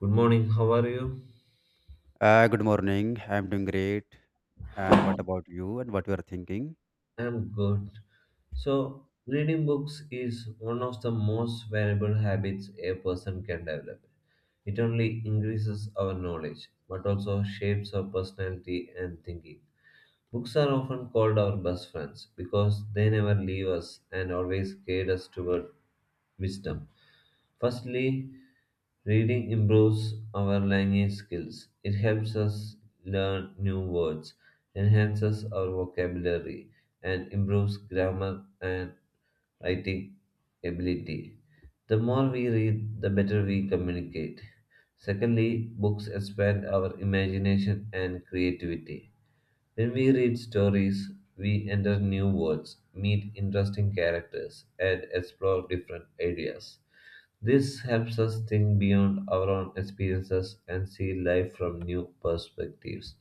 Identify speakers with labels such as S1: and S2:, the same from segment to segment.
S1: Good morning, how are you?
S2: Good morning. I'm doing great. And what about you and what you are thinking?
S1: I'm good. So, reading books is one of the most valuable habits a person can develop. It only increases our knowledge, but also shapes our personality and thinking. Books are often called our best friends because they never leave us and always guide us toward wisdom. Firstly, reading improves our language skills. It helps us learn new words, enhances our vocabulary, and improves grammar and writing ability. The more we read, the better we communicate. Secondly, books expand our imagination and creativity. When we read stories, we enter new worlds, meet interesting characters, and explore different ideas. This helps us think beyond our own experiences and see life from new perspectives.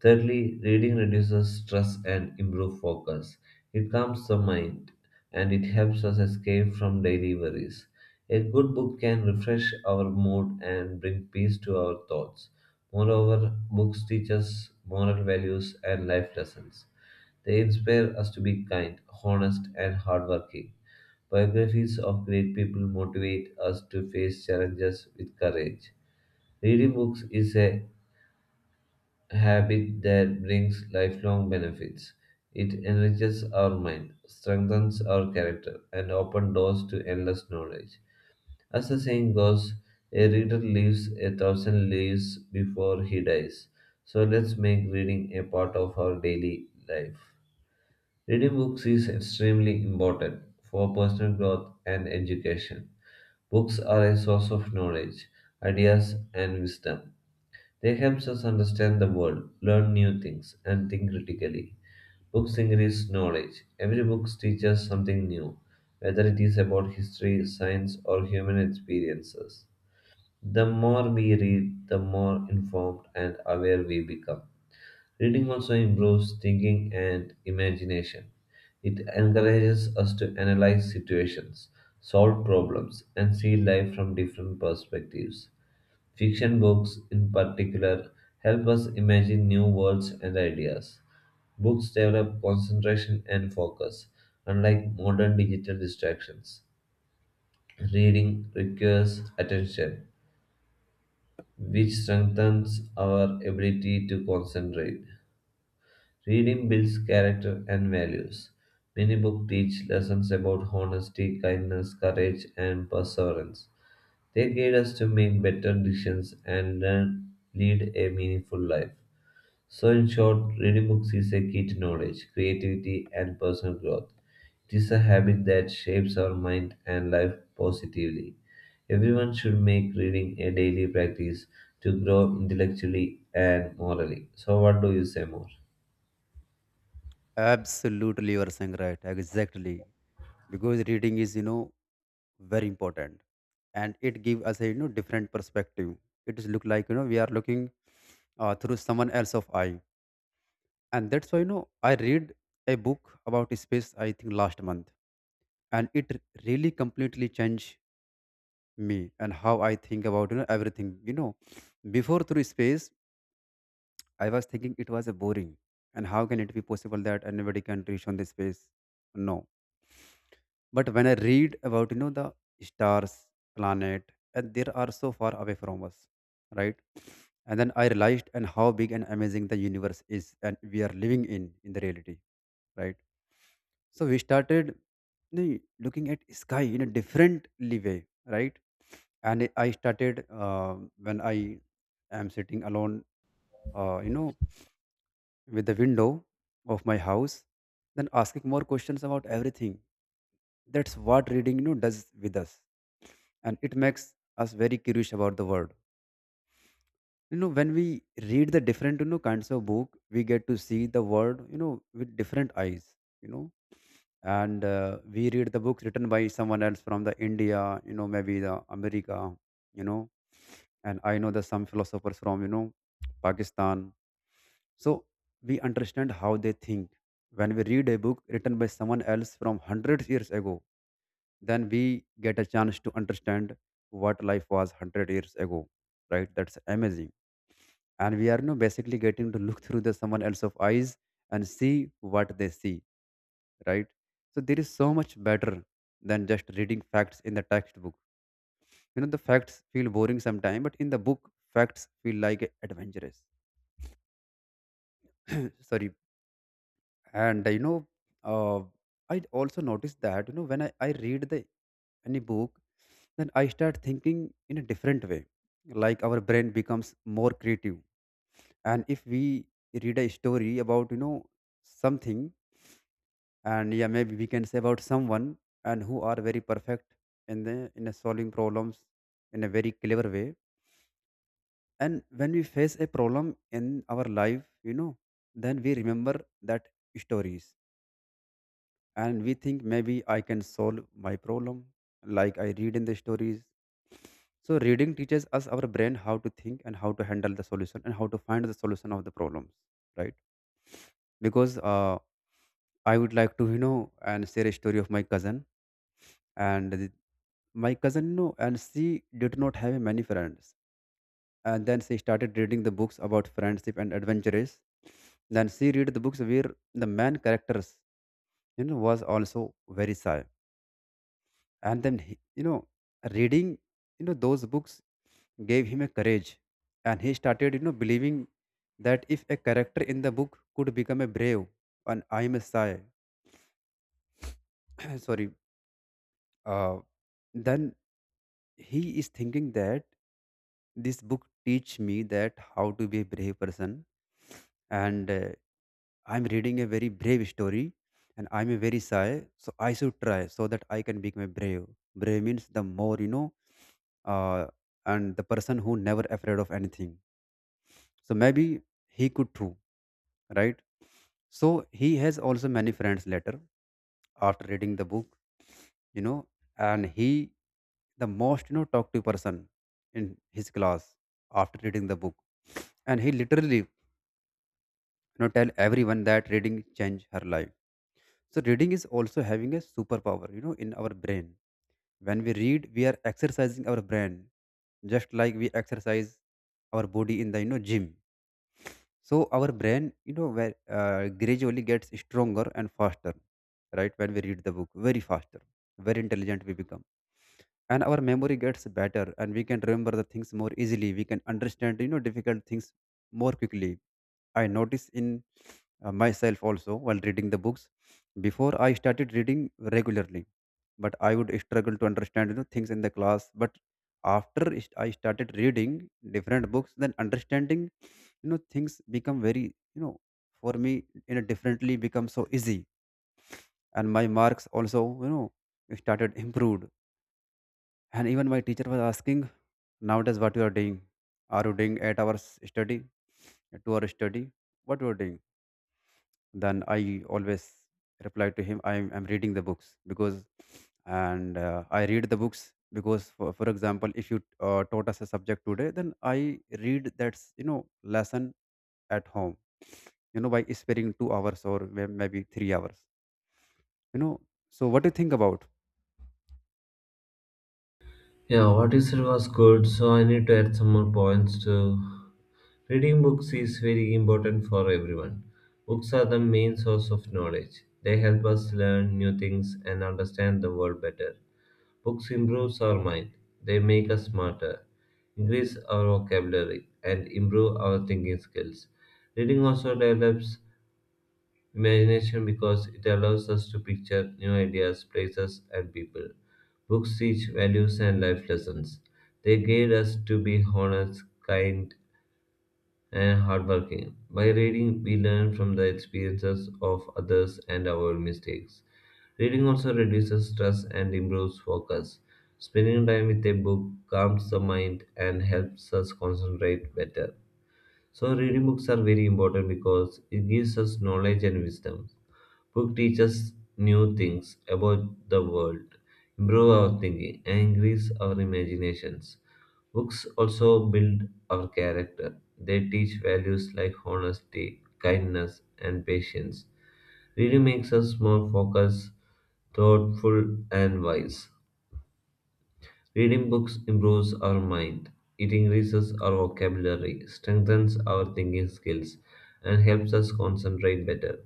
S1: Thirdly, reading reduces stress and improves focus. It calms the mind and it helps us escape from daily worries. A good book can refresh our mood and bring peace to our thoughts. Moreover, books teach us moral values and life lessons. They inspire us to be kind, honest, and hardworking. Biographies of great people motivate us to face challenges with courage. Reading books is a habit that brings lifelong benefits. It enriches our mind, strengthens our character, and opens doors to endless knowledge. As the saying goes, a reader lives a thousand lives before he dies. So let's make reading a part of our daily life. Reading books is extremely important for personal growth and education. Books are a source of knowledge, ideas, and wisdom they helps us understand the world, learn new things, and think critically. Books increase knowledge. Every book teaches something new, whether it is about history, science, or human experiences. The more we read, the more informed and aware we become. Reading also improves thinking and imagination. It encourages us to analyze situations, solve problems, and see life from different perspectives. Fiction books, in particular, help us imagine new worlds and ideas. Books develop concentration and focus, unlike modern digital distractions. Reading requires attention, which strengthens our ability to concentrate. Reading builds character and values. Many books teach lessons about honesty, kindness, courage, and perseverance. They guide us to make better decisions and learn, lead a meaningful life. So, in short, reading books is a key to knowledge, creativity, and personal growth. It is a habit that shapes our mind and life positively. Everyone should make reading a daily practice to grow intellectually and morally. So, what do you say more?
S2: Absolutely, you are saying right. Exactly. Because reading is, you know, very important. And it gives us a, you know, different perspective. It is look like, you know, we are looking through someone else of eye. And that's why, you know, I read a book about space, I think last month. And really completely changed me and how I think about, you know, everything. Before through space, I was thinking it was a boring, and how can it be possible that anybody can reach on this space? No. But when I read about the stars, planet, and they are so far away from us, right? And then I realized and how big and amazing the universe is, and we are living in the reality, right? So we started looking at sky in a different way, right? And I started when I am sitting alone, uh, you know with the window of my house, then asking more questions about everything. That's what reading, you know, does with us, and it makes us very curious about the world. You know, when we read the different, you know, kinds of book, we get to see the world, you know, with different eyes, you know and we read the books written by someone else from the India, you know, maybe the America, you know and I know the some philosophers from, you know, Pakistan. So we understand how they think. When we read a book written by someone else from hundreds years ago, then we get a chance to understand what life was 100 years ago. Right? That's amazing. And we are now basically getting to look through the someone else's eyes and see what they see. Right? So there is so much better than just reading facts in the textbook. You know, the facts feel boring sometimes, but in the book, facts feel like adventurous. Sorry, and uh, I also noticed that, you know, I read the any book, then I start thinking in a different way, like our brain becomes more creative. And if we read a story about, you know, something, and yeah, maybe we can say about someone and who are very perfect in the in a solving problems in a very clever way. And when we face a problem in our life, you know, then we remember that stories, and we think maybe I can solve my problem like I read in the stories. So reading teaches us our brain how to think and how to handle the solution and how to find the solution of the problems, right? Because I would like to, you know, and share a story of my cousin. and the- my cousin, you know, and she did not have many friends, and then she started reading the books about friendship and adventures. Then she read the books where the main characters, you know, was also very shy, and then he, reading, you know, those books gave him a courage, and he started, you know, believing that if a character in the book could become a brave, and I am a shy. Sorry, uh, then he is thinking that this book teach me that how to be a brave person. And I'm reading a very brave story, and I'm a very shy, so I should try so that I can become a brave. Brave means the more, you know, uh, and the person who never afraid of anything. So maybe he could too, right? So he has also many friends later after reading the book, you know, and he the most, you know, talkative person in his class after reading the book. And he literally, tell everyone that reading changed her life. So reading is also having a superpower, you know, in our brain. When we read, we are exercising our brain, just like we exercise our body in the, you know, gym. So our brain, you know, where gradually gets stronger and faster. Right, when we read the book very faster, very intelligent we become. And our memory gets better, and we can remember the things more easily. We can understand, you know, difficult things more quickly. I notice in, myself also while reading the books. Before I started reading regularly, but I would struggle to understand, you know, things in the class. But I started reading different books, then understanding, you know, things become very, you know, for me, you know, differently become so easy. And my marks also, you know, started improved. And even my teacher was asking, nowadays what you are doing? Are you doing 8 hours study, 2 hour study, what you are doing? Then I always replied to him, I'm reading the books. Because and I read the books because for example, if you taught us a subject today, then I read that, you know, lesson at home, you know, by sparing 2 hours or maybe 3 hours, you know. So, what do you think about?
S1: Yeah, what you said was good. So, I need to add some more points to reading books is very important for everyone. Books are the main source of knowledge. They help us learn new things and understand the world better. Books improves our mind. They make us smarter, increase our vocabulary, and improve our thinking skills. Reading also develops imagination because it allows us to picture new ideas, places, and people. Books teach values and life lessons. They guide us to be honest, kind, and hardworking. By reading, we learn from the experiences of others and our mistakes. Reading also reduces stress and improves focus. Spending time with a book calms the mind and helps us concentrate better. So, reading books are very important because it gives us knowledge and wisdom. Book teaches new things about the world, improve our thinking, and increase our imaginations. Books also build our character. They teach values like honesty, kindness, and patience. Reading makes us more focused, thoughtful, and wise. Reading books improves our mind, it increases our vocabulary, strengthens our thinking skills, and helps us concentrate better.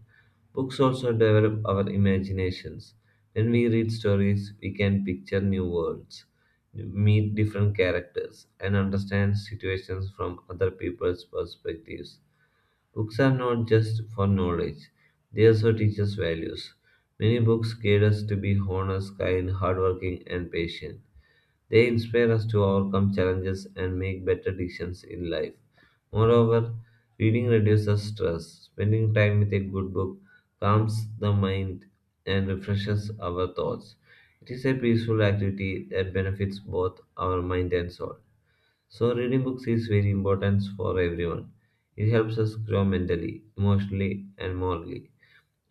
S1: Books also develop our imaginations. When we read stories, we can picture new worlds, meet different characters, and understand situations from other people's perspectives. Books are not just for knowledge, they also teach us values. Many books guide us to be honest, kind, hardworking, and patient. They inspire us to overcome challenges and make better decisions in life. Moreover, reading reduces stress. Spending time with a good book calms the mind and refreshes our thoughts. It is a peaceful activity that benefits both our mind and soul. So, reading books is very important for everyone. It helps us grow mentally, emotionally, and morally.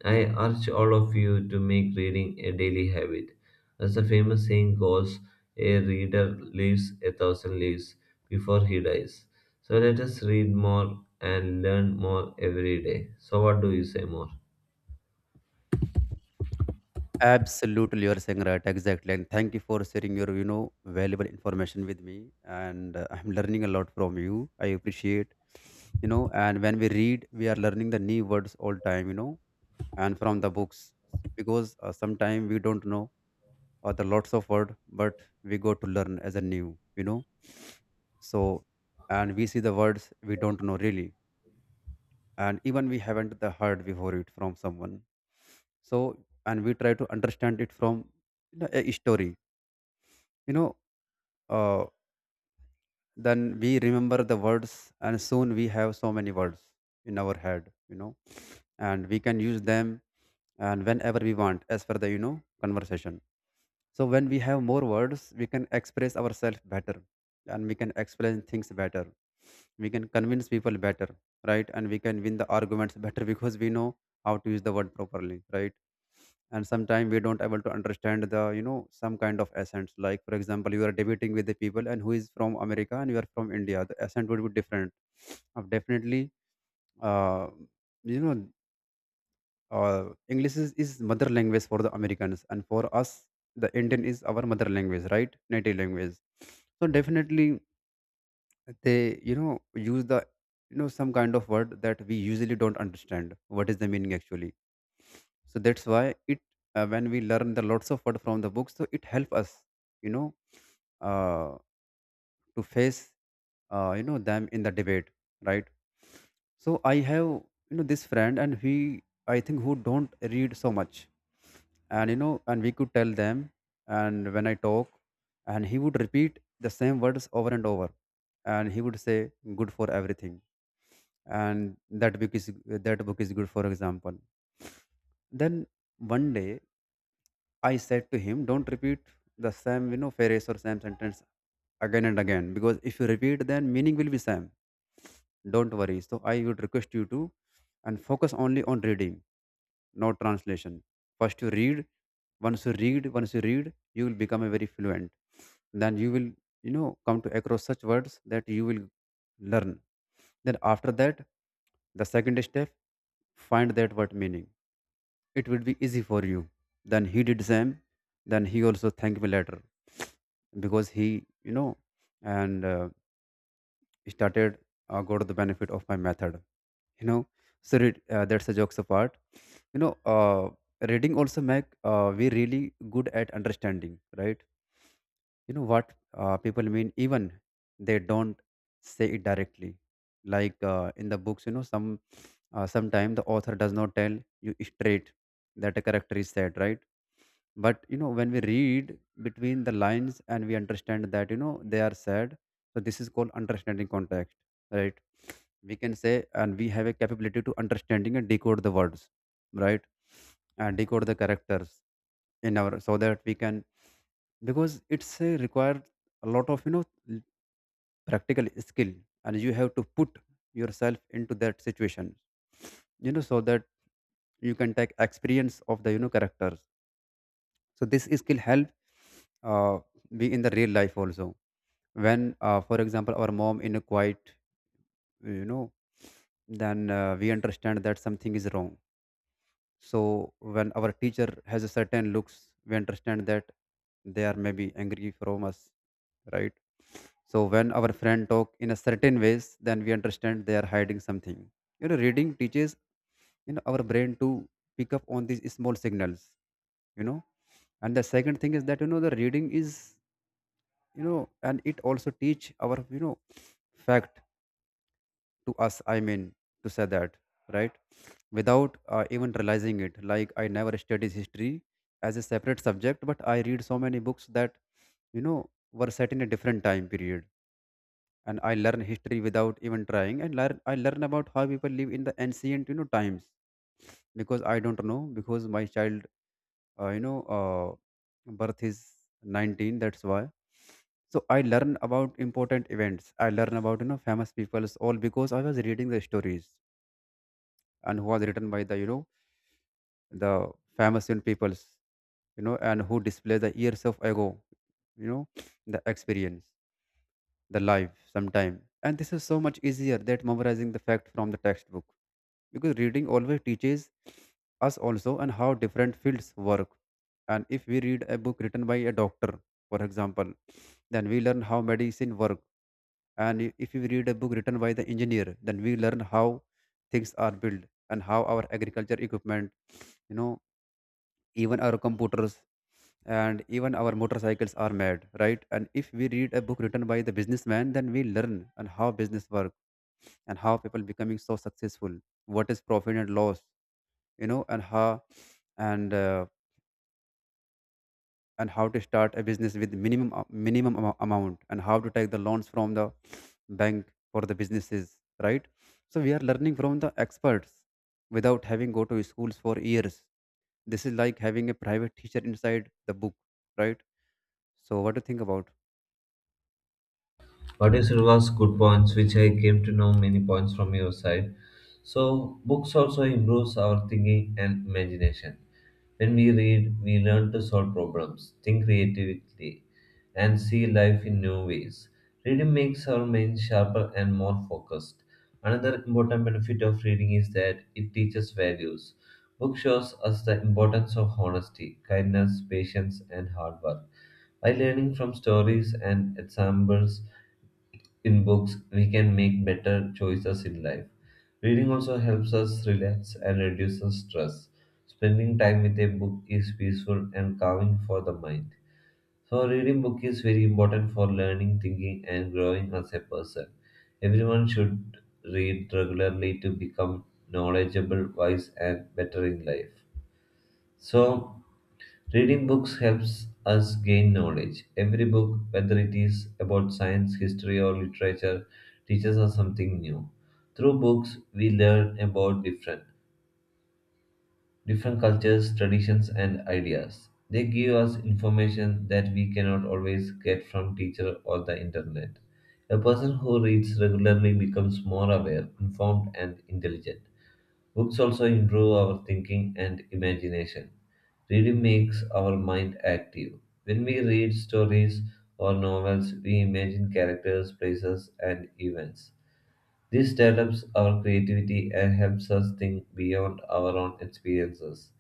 S1: I urge all of you to make reading a daily habit. As the famous saying goes, a reader lives a thousand lives before he dies. So, let us read more and learn more every day. So, what do you say more?
S2: Absolutely, you're saying right, exactly. And thank you for sharing your, you know, valuable information with me. And I'm learning a lot from you. I appreciate, you know. And when we read, we are learning the new words all time, you know, and from the books. Because sometimes we don't know other lots of word, but we go to learn as a new, you know. So, and we see the words we don't know really, and even we haven't the heard before it from someone. So, and we try to understand it from, you know, a story, you know uh, then we remember the words, and soon we have so many words in our head, you know, and we can use them and whenever we want as per the, you know, conversation. So when we have more words, we can express ourselves better, and we can explain things better. We can convince people better, right? And we can win the arguments better because we know how to use the word properly, right? And sometimes we don't able to understand the, you know, some kind of accents. Like for example, you are debating with the people and who is from America and you are from India. The accent would be different. Definitely, uh, you know English is mother language for the Americans, and for us, the Indian is our mother language, right? Native language. So definitely, they, you know, use the, you know, some kind of word that we usually don't understand. What is the meaning actually? So that's why it when we learn the lots of word from the books, so it help us, you know uh, to face, them in the debate, right? So I have, you know, this friend, and he I think who don't read so much. And you know, and we could tell them, and when I talk, and he would repeat the same words over and over. And he would say good for everything, and that book is, that book is good, for example. Then one day I said to him, don't repeat the same, you know, phrase or same sentence again and again, because if you repeat then meaning will be same. Don't worry. So I would request you to and focus only on reading, not translation. First you read. Once you read, you will become a very fluent. Then you will, you know, come to across such words that you will learn. Then after that, the second step, find that word meaning. It would be easy for you. Then he did same. Then he also thanked me later, because he, you know, and started, got the benefit of my method, you know. So read, that's a jokes apart, you know uh, reading also make, we really good at understanding, right? You know what, people mean, even they don't say it directly. Like in the books, you know, sometimes the author does not tell you straight that a character is sad, right? But you know, when we read between the lines and we understand that, you know, they are sad, so this is called understanding context, right? We can say, and we have a capability to understanding and decode the words, right? And decode the characters in our so that we can because it's a required a lot of practical skill, and you have to put yourself into that situation, so that you can take experience of the characters. So this skill help uh, be in the real life also. When for example our mom in a quiet, you know then we understand that something is wrong. So when our teacher has a certain looks, we understand that they are maybe angry from us, right? So when our friend talk in a certain ways, then we understand they are hiding something. Reading teaches our brain to pick up on these small signals. You know, and the second thing is that the reading is and it also teach our fact to us. I mean to say that, right, without even realizing it. Like I never studied history as a separate subject, but I read so many books that were set in a different time period, and I learn history without even trying, and learn I learn about how people live in the ancient times. Because I don't know, because my child birth is 19, that's why. So I learn about important events, I learn about famous peoples, all because I was reading the stories, and who was written by the the famous peoples, and who display the years of ago, you know the experience, the life sometime. And this is so much easier than memorizing the fact from the textbook, because reading always teaches us also and how different fields work. And if we read a book written by a doctor, for example, then we learn how medicine work. And if we read a book written by the engineer, then we learn how things are built, and how our agriculture equipment, you know, even our computers and even our motorcycles are made, right? And if we read a book written by the businessman, then we learn on how business work, and how people becoming so successful, what is profit and loss, and how, and uh, and how to start a business with minimum a- minimum amo- amount, and how to take the loans from the bank for the businesses, right? So we are learning from the experts without having go to schools for years. This is like having a private teacher inside the book, right? So what do you think about?
S1: What you said was good points, which I came to know many points from your side. So books also improves our thinking and imagination. When we read, we learn to solve problems, think creatively, and see life in new ways. Reading makes our mind sharper and more focused. Another important benefit of reading is that it teaches values. Book shows us the importance of honesty, kindness, patience, and hard work. By learning from stories and examples, in books, we can make better choices in life. Reading also helps us relax and reduces stress. Spending time with a book is peaceful and calming for the mind. So reading book is very important for learning, thinking and growing as a person. Everyone should read regularly to become knowledgeable, wise and better in life. So reading books helps us gain knowledge. Every book, whether it is about science, history, or literature, teaches us something new. Through books, we learn about different cultures, traditions, and ideas. They give us information that we cannot always get from teacher or the internet. A person who reads regularly becomes more aware, informed, and intelligent. Books also improve our thinking and imagination. Reading makes our mind active. When we read stories or novels, we imagine characters, places, and events. This develops our creativity and helps us think beyond our own experiences.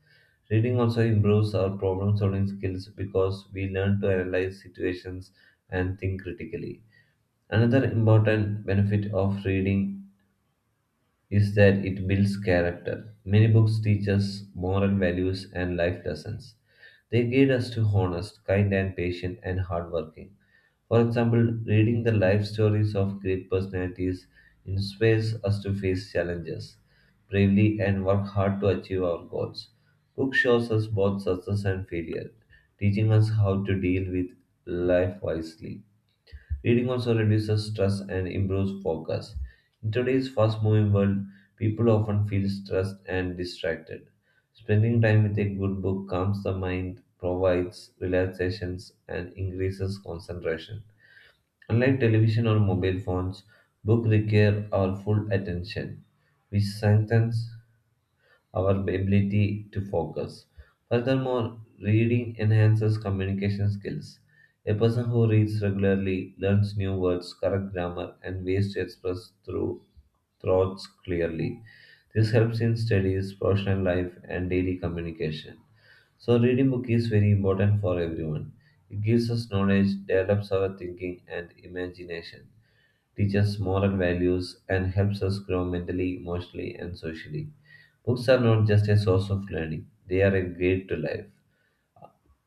S1: Reading also improves our problem solving skills because we learn to analyze situations and think critically. Another important benefit of reading is that it builds character. Many books teach us moral values and life lessons. They guide us to honest, kind, and patient and hardworking. For example, reading the life stories of great personalities inspires us to face challenges bravely and work hard to achieve our goals. Book shows us both success and failure, teaching us how to deal with life wisely. Reading also reduces stress and improves focus. In today's fast moving world, people often feel stressed and distracted. Spending time with a good book calms the mind, provides relaxations, and increases concentration. Unlike television or mobile phones, books require our full attention, which strengthens our ability to focus. Furthermore, reading enhances communication skills. A person who reads regularly learns new words, correct grammar, and ways to express through thoughts clearly. This helps in studies, professional life, and daily communication. So, reading book is very important for everyone. It gives us knowledge, develops our thinking and imagination, teaches moral values, and helps us grow mentally, emotionally, and socially. Books are not just a source of learning; they are a guide to life.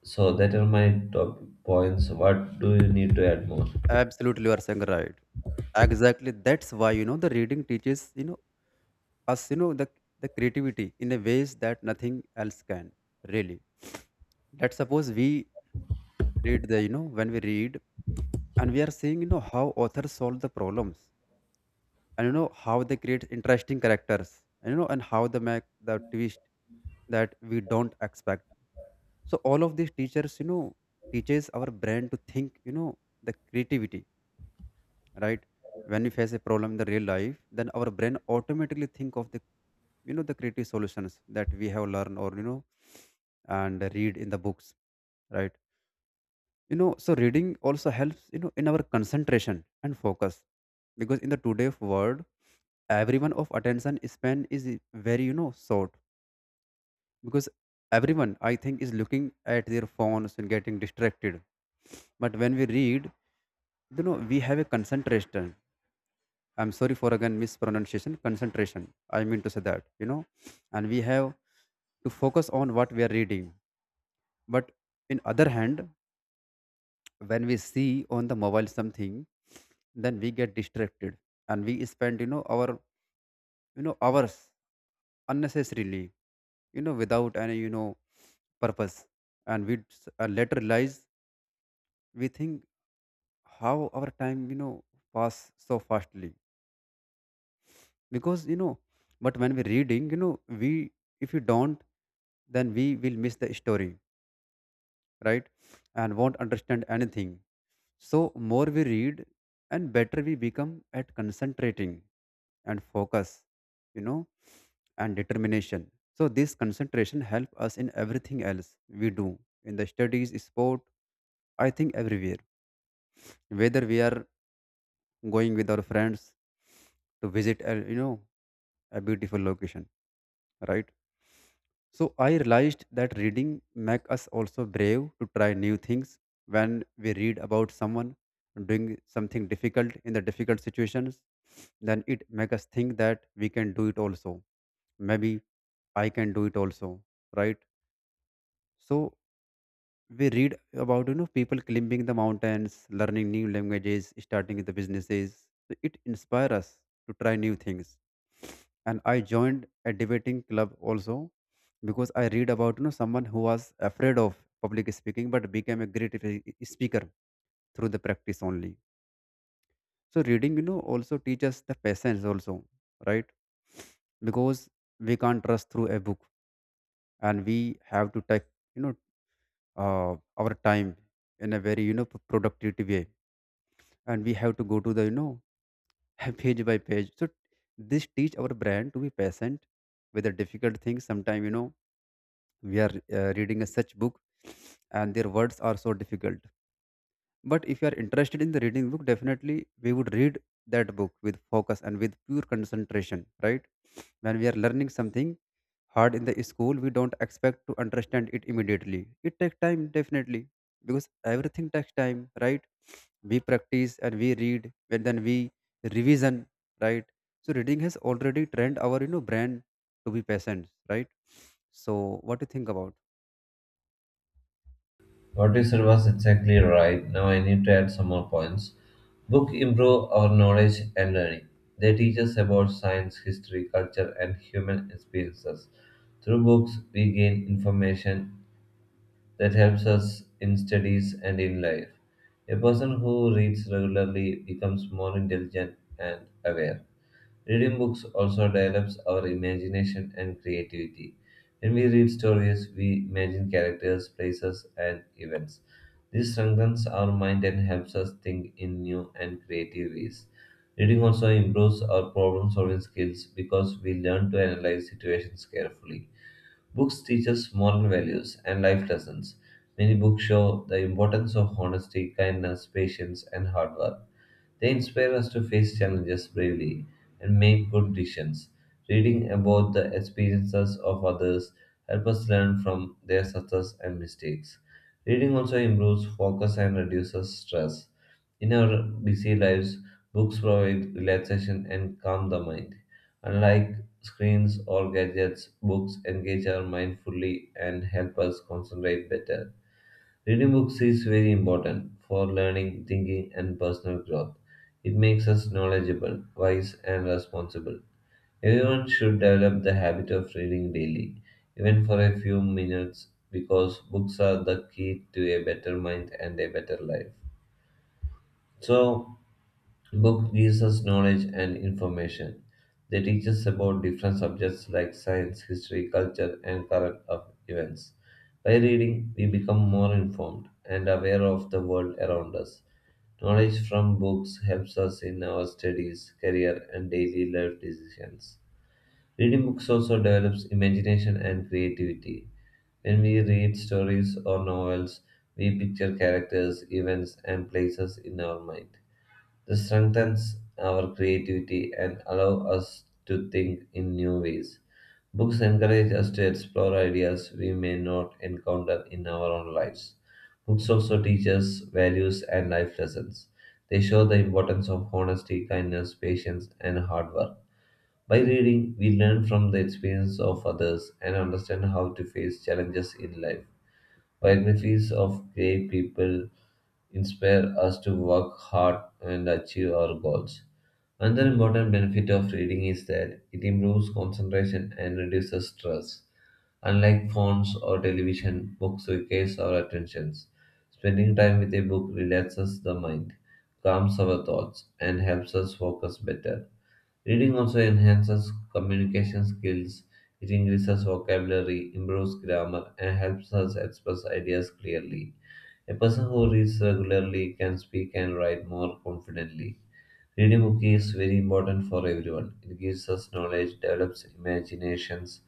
S1: So, that are my top points. What do you need to add more?
S2: Absolutely, you are saying right. Exactly. That's why the reading teaches us the creativity in a ways that nothing else can, really. Let's suppose we read the when we read, and we are seeing how authors solve the problems, and how they create interesting characters, and and how they make the twist that we don't expect. So all of these teachers teaches our brain to think, the creativity, right? When we face a problem in the real life, then our brain automatically think of the the creative solutions that we have learned, or and read in the books, right? So reading also helps in our concentration and focus, because in the today's world, everyone of attention span is very short, because everyone I think is looking at their phones and getting distracted. But when we read, we have a concentration. I'm sorry for again mispronunciation, concentration. I mean to say that, and we have to focus on what we are reading. But in other hand, when we see on the mobile something, then we get distracted, and we spend, our, hours unnecessarily, without any purpose. And we later realize, we think how our time, pass so fastly, because but when we're reading, we, if you don't, then we will miss the story, right, and won't understand anything. So more we read, and better we become at concentrating and focus, you know and determination. So this concentration help us in everything else we do, in the studies, sport, I think everywhere, whether we are going with our friends to visit a, a beautiful location, right? So I realized that reading make us also brave to try new things. When we read about someone doing something difficult in the difficult situations, then it make us think that we can do it also, maybe I can do it also, right? So we read about people climbing the mountains, learning new languages, starting the businesses, so it inspires us to try new things. And I joined a debating club also, because I read about someone who was afraid of public speaking, but became a speaker through the practice only. So reading also teaches the patience also, right? Because we can't trust through a book, and we have to take you know our time in a very productive way, and we have to go to the page by page. So this teach our brain to be patient with the difficult things. Sometimes we are reading a such book, and their words are so difficult, but if you are interested in the reading book, definitely we would read that book with focus and with pure concentration, right? When we are learning something hard in the school, we don't expect to understand it immediately. It takes time, definitely, because everything takes time, right? We practice and we read, and then we revision, right? So reading has already trained our brain to be patient, right? So what do you think about?
S1: What you said was exactly right. Now I need to add some more points. Book improve our knowledge and learning. They teach us about science, history, culture, and human experiences. Through books, we gain information that helps us in studies and in life. A person who reads regularly becomes more intelligent and aware. Reading books also develops our imagination and creativity. When we read stories, we imagine characters, places, and events. This strengthens our mind and helps us think in new and creative ways. Reading also improves our problem solving skills because we learn to analyze situations carefully. Books teach us moral values and life lessons. Many books show the importance of honesty, kindness, patience, and hard work. They inspire us to face challenges bravely and make good decisions. Reading about the experiences of others help us learn from their success and mistakes. Reading also improves focus and reduces stress. In our busy lives, books provide relaxation and calm the mind. Unlike screens or gadgets, books engage our mind fully and help us concentrate better. Reading books is very important for learning, thinking, and personal growth. It makes us knowledgeable, wise, and responsible. Everyone should develop the habit of reading daily, even for a few minutes, because books are the key to a better mind and a better life. So, book gives us knowledge and information. They teach us about different subjects like science, history, culture, and current of events. By reading, we become more informed and aware of the world around us. Knowledge from books helps us in our studies, career, and daily life decisions. Reading books also develops imagination and creativity. When we read stories or novels, we picture characters, events, and places in our mind. This strengthens our creativity and allow us to think in new ways. Books encourage us to explore ideas we may not encounter in our own lives. Books also teach us values and life lessons. They show the importance of honesty, kindness, patience, and hard work. By reading, we learn from the experience of others and understand how to face challenges in life. Biographies of great people inspire us to work hard and achieve our goals. Another important benefit of reading is that it improves concentration and reduces stress. Unlike phones or television, books requires our attentions. Spending time with a book relaxes the mind, calms our thoughts, and helps us focus better. Reading also enhances communication skills. It increases vocabulary, improves grammar, and helps us express ideas clearly. A person who reads regularly can speak and write more confidently. Reading book is very important for everyone. It gives us knowledge, develops imaginations,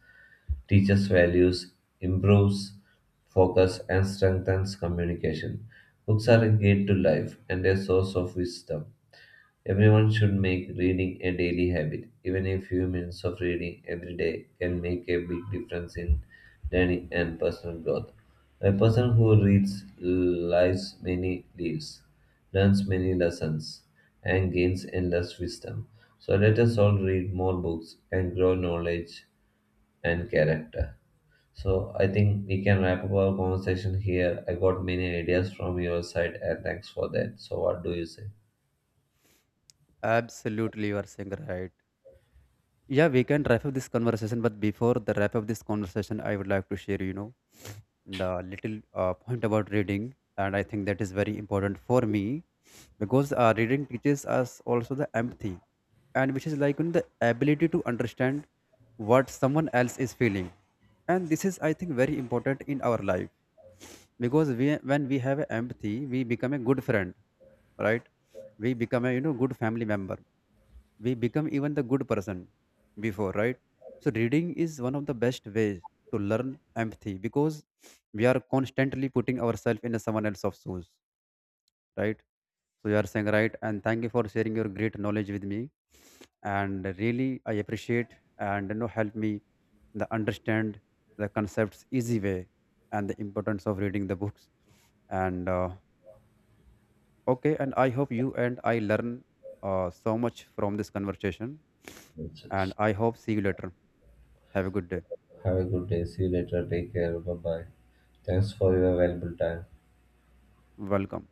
S1: teaches values, improves focus, and strengthens communication. Books are a gate to life and a source of wisdom. Everyone should make reading a daily habit. Even a few minutes of reading every day can make a big difference in learning and personal growth. A person who reads lives many lives, learns many lessons, and gains endless wisdom. So let us all read more books and grow knowledge and character. So I think we can wrap up our conversation here. I got many ideas from your side and thanks for that. So what do you say?
S2: Absolutely, you are saying right. Yeah, we can wrap up this conversation, but before the wrap up this conversation, I would like to share, the little point about reading, and I think that is very important for me, because reading teaches us also the empathy, and which is like the ability to understand what someone else is feeling. And this is, I think, very important in our life, because we when we have empathy, we become a good friend, right? We become a good family member, we become even the good person before, right? So reading is one of the best ways to learn empathy, because we are constantly putting ourselves in someone else's shoes, right? So you are saying right, and thank you for sharing your great knowledge with me, and really I appreciate, and help me the understand the concepts easy way, and the importance of reading the books, and okay, and I hope you and I learn so much from this conversation.
S1: That's it.
S2: And I hope see you later. Have a good day.
S1: Have a good day. See you later. Take care. Bye bye. Thanks for your valuable time.
S2: Welcome.